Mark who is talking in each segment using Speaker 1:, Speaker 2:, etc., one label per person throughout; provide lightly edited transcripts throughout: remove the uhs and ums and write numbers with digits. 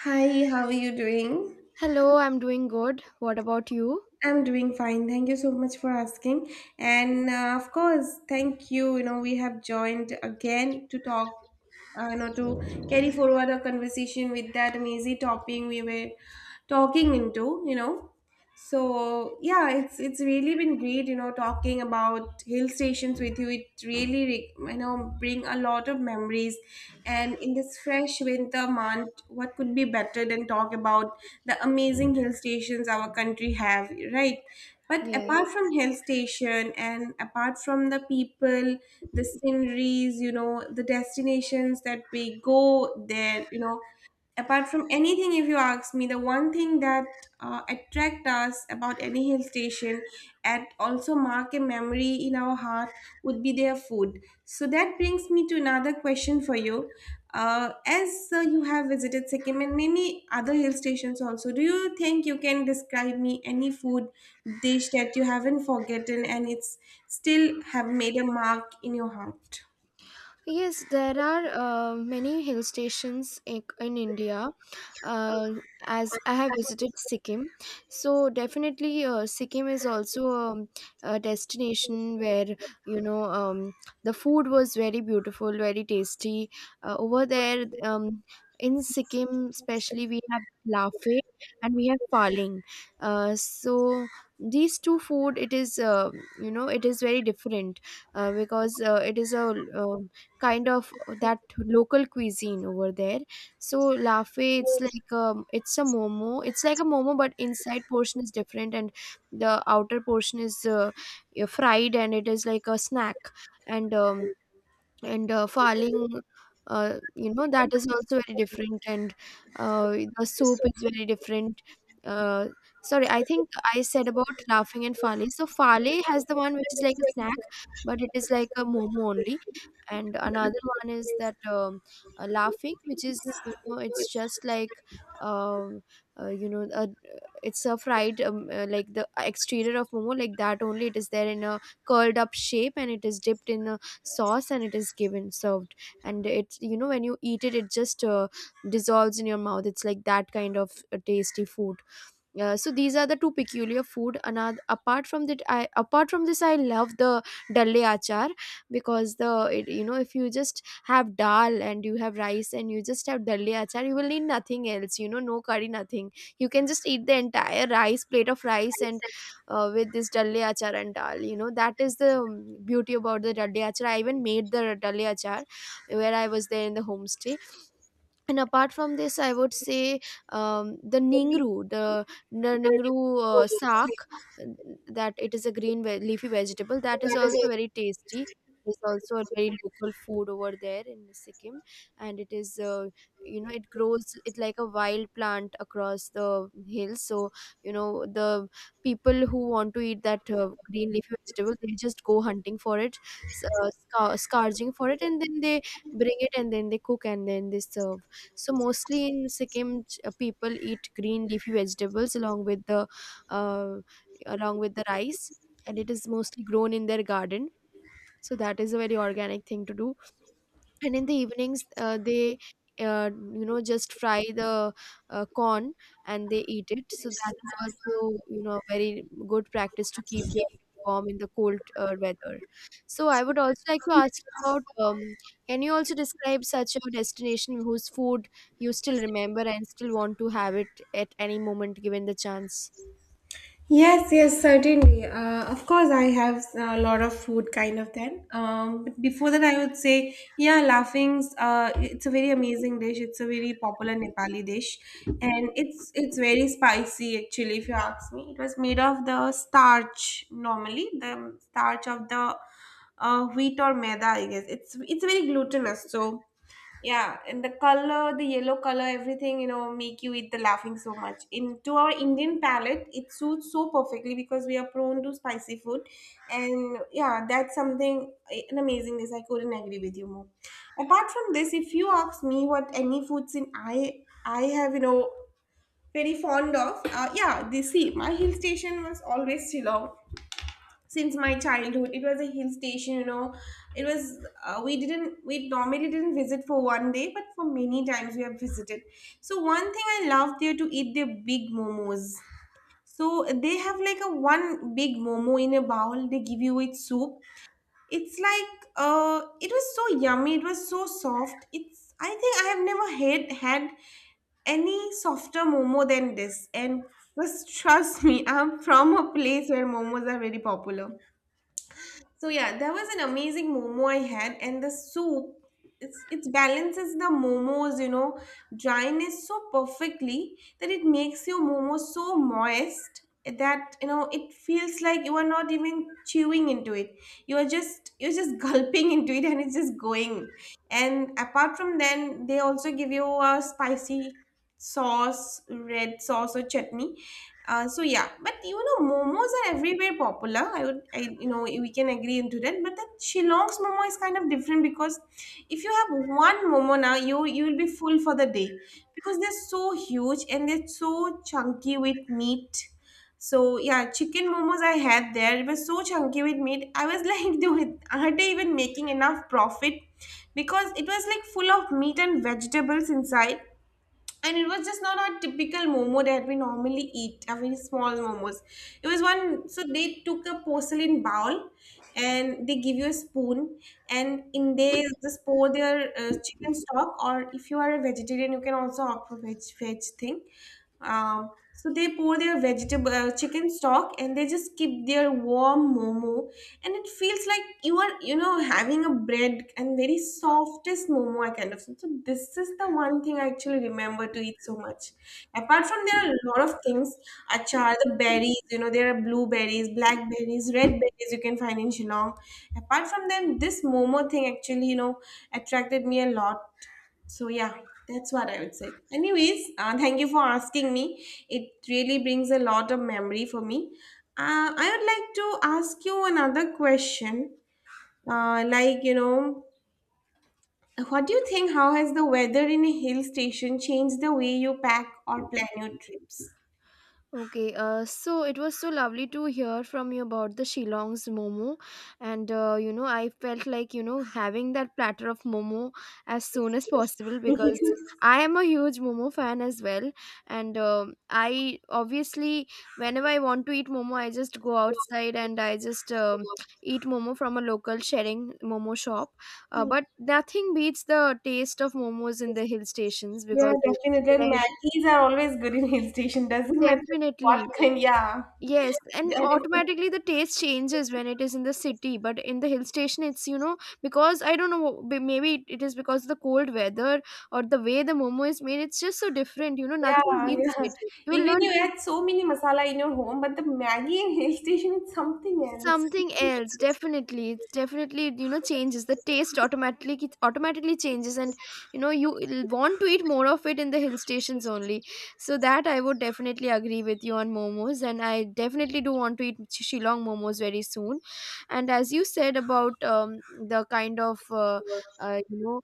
Speaker 1: Hi, how are you doing?
Speaker 2: Hello, I'm doing good. What about you?
Speaker 1: I'm doing fine. Thank you so much for asking. And of course, thank you. You know, we have joined again to talk, to carry forward a conversation with that amazing topic we were talking into. So yeah, it's really been great, you know, talking about hill stations with you. It really, you know, bring a lot of memories. And in this fresh winter month, what could be better than talk about the amazing hill stations our country have, right? But
Speaker 2: Yes.
Speaker 1: apart from hill station and apart from the people, the sceneries, you know, the destinations that we go there, you know, apart from anything if you ask me the one thing that attract us about any hill station and also mark a memory in our heart would be their food, so that brings me to another question for you. As you have visited Sikkim and many other hill stations also, do you think you can describe me any food dish that you haven't forgotten and it's still have made a mark in your heart?
Speaker 2: Yes, there are many hill stations in India uh, as I have visited Sikkim. So definitely, Sikkim is also a destination where you know um, the food was very beautiful, very tasty. Over there, in Sikkim, especially, we have lafe and we have paling. So these two food, it is you know it is very different because it is a um kind of that local cuisine over there. So lafe, it's like it's a momo. It's like a momo, but inside portion is different, and the outer portion is fried, and it is like a snack. And um, and farling, you know, that is also very different, and the soup is very different. Uh, sorry, I think I said about laughing and fale. So fale has the one which is like a snack, but it is like a momo only, and another one is that laughing, which is, you know, it's just like um, uh, you know uh, it's a fried like the exterior of momo, like that only it is there in a curled up shape, and it is dipped in a sauce and it is given served. And it, you know, when you eat it, it just dissolves in your mouth. It's like that kind of tasty food. So these are the two peculiar food. Another apart from that, I Apart from this, I love the dalle achar because the it, you know, if you just have dal and you have rice and you just have dalle achar, you will need nothing else. You know, no curry, nothing. You can just eat the entire rice plate of rice and with this dalle achar and dal. You know that is the beauty about the dalle achar. I even made the dalle achar where I was there in the homestay. And apart from this, I would say, the ningru, the ningru sak that it is a leafy vegetable that is also very tasty. It's also a very local food over there in Sikkim, and it is you know, it grows, it like a wild plant across the hills. So, you know, the people who want to eat that green leafy vegetable, they just go hunting for it, scourging for it, and then they bring it and then they cook and then they serve. So mostly in Sikkim, people eat green leafy vegetables along with the uh, rice, and it is mostly grown in their garden. So that is a very organic thing to do. And in the evenings they uh, you know, just fry the corn and they eat it. So that is also, you know, very good practice to keep yourself warm in the cold weather. So I would also like to ask about, can you also describe such a destination whose food you still remember and still want to have it at any moment given the chance?
Speaker 1: Yes, yes, certainly. Of course, I have a lot of food kind of then. But before that, I would say, yeah, laughings. It's a very amazing dish. It's a very popular Nepali dish, and it's very spicy actually. If you ask me, it was made of the starch normally, the starch of the wheat or maida. I guess it's very glutinous. So. Yeah, and the color, the yellow color, everything, you know, make you eat the laughing so much. Into our Indian palate, it suits so perfectly because we are prone to spicy food. And yeah, that's something, an amazingness. I couldn't agree with you more. Apart from this, if you ask me what any foods I have, you know, very fond of, yeah, this see, my hill station was always Shillong since my childhood. It was a hill station, you know. It was, we normally didn't visit for one day, but for many times we have visited. So one thing I love there to eat, their big momos. So they have like a one big momo in a bowl, they give you with soup. It's like, it was so yummy, it was so soft. It's, I think I have never had any softer momo than this. And just trust me, I'm from a place where momos are very popular. So yeah, there was an amazing momo I had, and the soup, it's it balances the momos, you know, dryness so perfectly that it makes your momo so moist that you know it feels like you are not even chewing into it. You are just you're just gulping into it, and it's just going. And apart from then, they also give you a spicy sauce, red sauce or chutney. So yeah, but you know, momos are everywhere popular. You know, we can agree into that. But the Shillong's momo is kind of different because if you have one momo now, you will be full for the day because they're so huge and they're so chunky with meat. So yeah, chicken momos I had there. It was so chunky with meat. I was like, dude, are they even making enough profit? Because it was like full of meat and vegetables inside, and it was just not a typical momo that we normally eat, a very small momos. It was one, so they took a porcelain bowl and they give you a spoon, and in there just pour their chicken stock, or if you are a vegetarian you can also opt for veg thing. So they pour their vegetable chicken stock and they just keep their warm momo, and it feels like you are, you know, having a bread and very softest momo I kind of. So this is the one thing I actually remember to eat so much. Apart from, there are a lot of things, achar, the berries, you know, there are blueberries, blackberries, red berries you can find in Shillong. Apart from them, this momo thing actually, you know, attracted me a lot. So yeah, that's what I would say. Anyways, thank you for asking me. It really brings a lot of memory for me. I would like to ask you another question. Like, you know, what do you think? How has the weather in a hill station changed the way you pack or plan your trips?
Speaker 2: Okay, so it was so lovely to hear from you about the Shillong's Momo, and you know, I felt like, you know, having that platter of Momo as soon as possible because
Speaker 1: Yeah,
Speaker 2: I am a huge Momo fan as well, and um, I obviously, whenever I want to eat Momo, I just go outside and I just eat Momo from a local sharing Momo shop, but nothing beats the taste of Momos in the hill stations because
Speaker 1: definitely. And
Speaker 2: they're
Speaker 1: Maggies are always good in hill station. Doesn't matter what
Speaker 2: definitely.
Speaker 1: kind. Yeah.
Speaker 2: Yes, and automatically the taste changes when it is in the city, but in the hill station, it's, you know, because I don't know, maybe it is because of the cold weather or the way the momo is made. It's just so different, you know. Nothing
Speaker 1: Yeah,
Speaker 2: beats
Speaker 1: yeah.
Speaker 2: it. You will
Speaker 1: Even
Speaker 2: not
Speaker 1: you add so many masala in your home, but the Maggie in hill station is something else.
Speaker 2: something else, definitely. It's definitely, you know, changes the taste automatically, it automatically changes. And, you know, you will want to eat more of it in the hill stations only. So that I would definitely agree with you on momos, and I definitely do want to eat Shillong momos very soon. And as you said about, the kind of you know,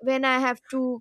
Speaker 2: when I have to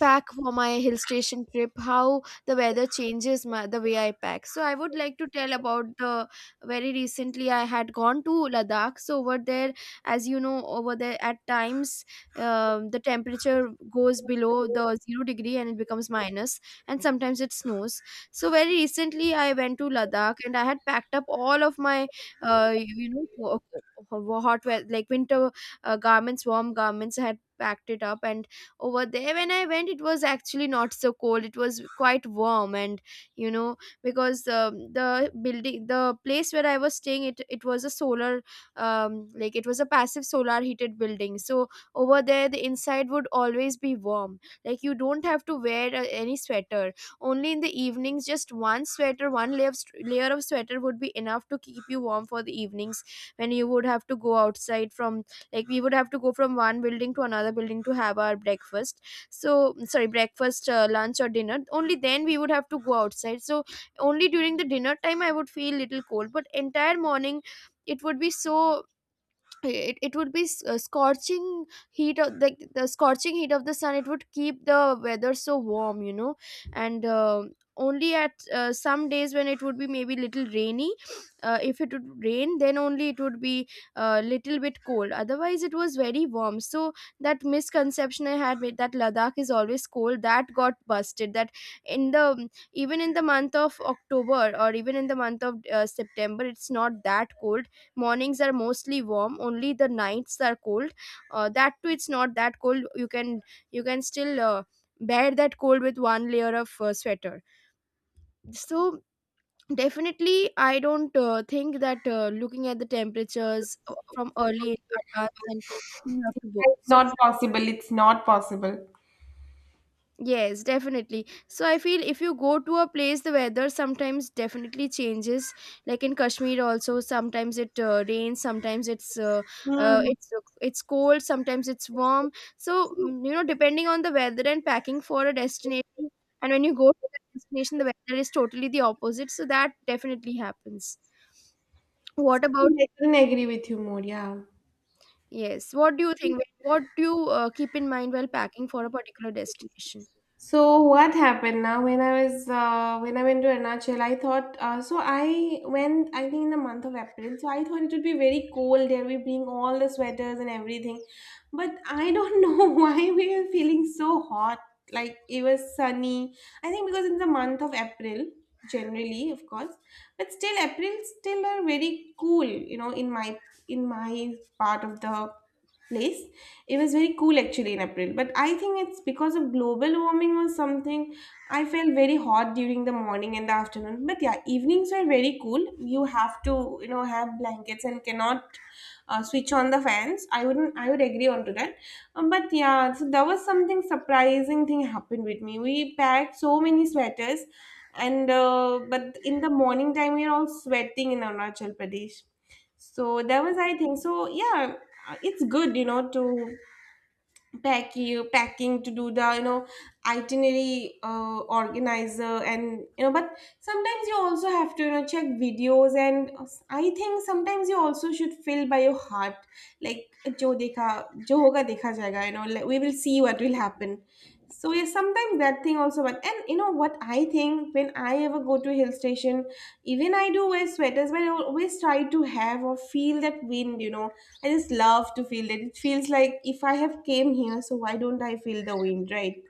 Speaker 2: pack for my hill station trip, how the weather changes the way I pack. So I would like to tell about the, very recently I had gone to Ladakh. So over there, as you know, over there at times, the temperature goes below the zero degree and it becomes minus, and sometimes it snows. So very recently I went to Ladakh and I had packed up all of my you know, hot weather like winter garments, warm garments, I had packed it up. And over there when I went, it was actually not so cold, it was quite warm. And, you know, because the building, the place where I was staying, it was a solar like it was a passive solar heated building. So over there the inside would always be warm, like you don't have to wear any sweater, only in the evenings. Just one sweater, one layer of, layer of sweater would be enough to keep you warm for the evenings when you would have to go outside, from like we would have to go from one building to another building to have our breakfast. So sorry, breakfast, lunch or dinner, only then we would have to go outside. So only during the dinner time I would feel little cold, but entire morning it would be so, it would be scorching heat of the scorching heat of the sun. It would keep the weather so warm, you know. And only at some days when it would be maybe little rainy, if it would rain, then only it would be a little bit cold, otherwise it was very warm. So that misconception I had, with that Ladakh is always cold, that got busted. That in the even in the month of October, or even in the month of September, it's not that cold. Mornings are mostly warm, only the nights are cold. That too, it's not that cold. You can, you can still bear that cold with one layer of sweater. So definitely I don't think that, looking at the temperatures from early in advance, and you have to book,
Speaker 1: It's
Speaker 2: so.
Speaker 1: not possible. It's not possible.
Speaker 2: Yes, definitely. So I feel if you go to a place, the weather sometimes definitely changes. Like in Kashmir, also sometimes it rains, sometimes it's uh,
Speaker 1: Hmm.
Speaker 2: it's it's cold, sometimes it's warm. So mm, you know, depending on the weather and packing for a destination, and when you go to that destination, the weather is totally the opposite. So that definitely happens.
Speaker 1: I
Speaker 2: What about
Speaker 1: think I couldn't agree with you more. Yeah.
Speaker 2: yes? What do you think? What do you keep in mind while packing for a particular destination?
Speaker 1: So what happened now? When I went to Arunachal, I thought so. I went, I think, in the month of April, so I thought it would be very cold there. We bring all the sweaters and everything, but I don't know why we were feeling so hot. Like it was sunny. I think because in the month of April, generally of course, but still April still are very cool. You know, in my part of the place, it was very cool actually in April, but I think it's because of global warming or something. I felt very hot during the morning and the afternoon, but yeah, evenings were very cool. You have to, you know, have blankets and cannot switch on the fans. I wouldn't, I would agree on to that. But yeah, so there was something surprising thing happened with me. We packed so many sweaters, and but in the morning time we are all sweating in Arunachal Pradesh. So that was I think so. Yeah, it's good, you know, to packing to do the, you know, itinerary organizer, and you know but sometimes you also have to, you know, check videos. And I think sometimes you also should feel by your heart, like jo dekha jo hoga dekha jayega, you know, like we will see what will happen. So yeah, sometimes that thing also. But and you know what I think, when I ever go to a hill station, even I do wear sweaters, but I always try to have or feel that wind. You know, I just love to feel it. It feels like if I have came here, so why don't I feel the wind, right?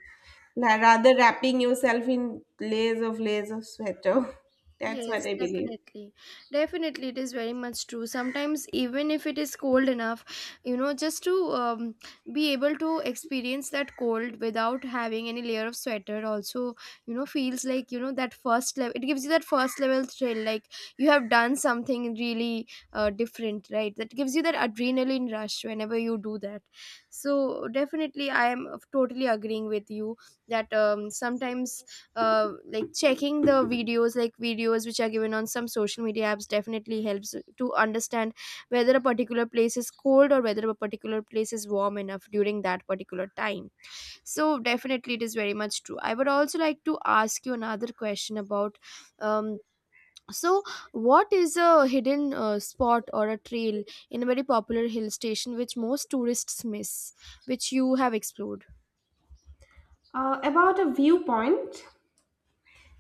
Speaker 1: Rather wrapping yourself in layers of sweater. That's what
Speaker 2: Yes,
Speaker 1: I believe.
Speaker 2: definitely. Definitely, it is very much true. Sometimes, even if it is cold enough, you know, just to be able to experience that cold without having any layer of sweater, also, you know, feels like, you know, that first level, it gives you that first level thrill, like you have done something really different, right? That gives you that adrenaline rush whenever you do that. So, definitely, I am totally agreeing with you that sometimes, like checking the videos, like videos which are given on some social media apps, definitely helps to understand whether a particular place is cold or whether a particular place is warm enough during that particular time. So definitely it is very much true. I would also like to ask you another question about, um, so what is a hidden spot or a trail in a very popular hill station which most tourists miss, which you have explored?
Speaker 1: About a viewpoint,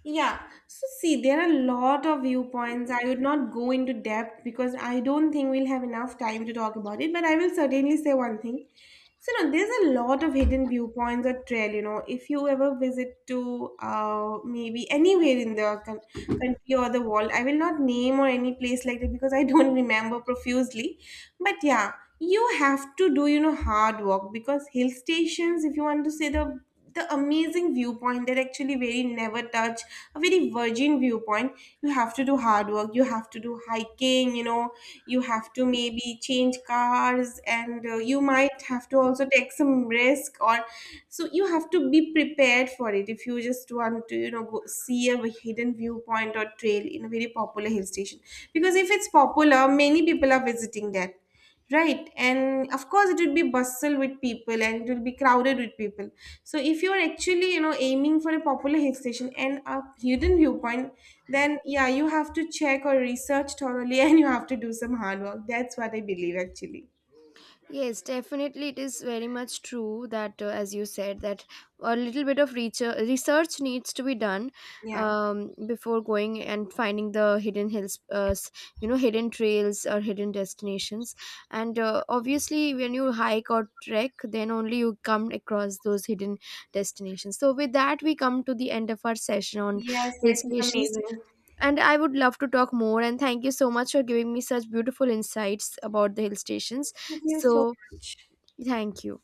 Speaker 1: yeah, so see, there are a lot of viewpoints. I would not go into depth because I don't think we'll have enough time to talk about it, but I will certainly say one thing. So, no, there's a lot of hidden viewpoints or trail, you know, if you ever visit to maybe anywhere in the country or the world, I will not name or any place like that because I don't remember profusely. But yeah, you have to do, you know, hard work, because hill stations, if you want to say the amazing viewpoint that actually very never touch, a very virgin viewpoint, you have to do hard work, you have to do hiking, you know, you have to maybe change cars and you might have to also take some risk, or so you have to be prepared for it if you just want to, you know, go see a hidden viewpoint or trail in a very popular hill station, because if it's popular, many people are visiting that. Right, and of course, it will be bustle with people and it will be crowded with people. So, if you are actually, you know, aiming for a popular hill station and a hidden viewpoint, then yeah, you have to check or research thoroughly and you have to do some hard work. That's what I believe, actually.
Speaker 2: Yes, definitely, it is very much true that, as you said, that a little bit of research needs to be done,
Speaker 1: Yeah.
Speaker 2: before going and finding the hidden hills, you know, hidden trails or hidden destinations. And obviously, when you hike or trek, then only you come across those hidden destinations. So, with that, we come to the end of our session on
Speaker 1: Yes,
Speaker 2: hill
Speaker 1: yes, it's
Speaker 2: stations.
Speaker 1: amazing.
Speaker 2: And I would love to talk more. And thank you so much for giving me such beautiful insights about the hill stations.
Speaker 1: Thank you so
Speaker 2: So,
Speaker 1: much.
Speaker 2: thank you.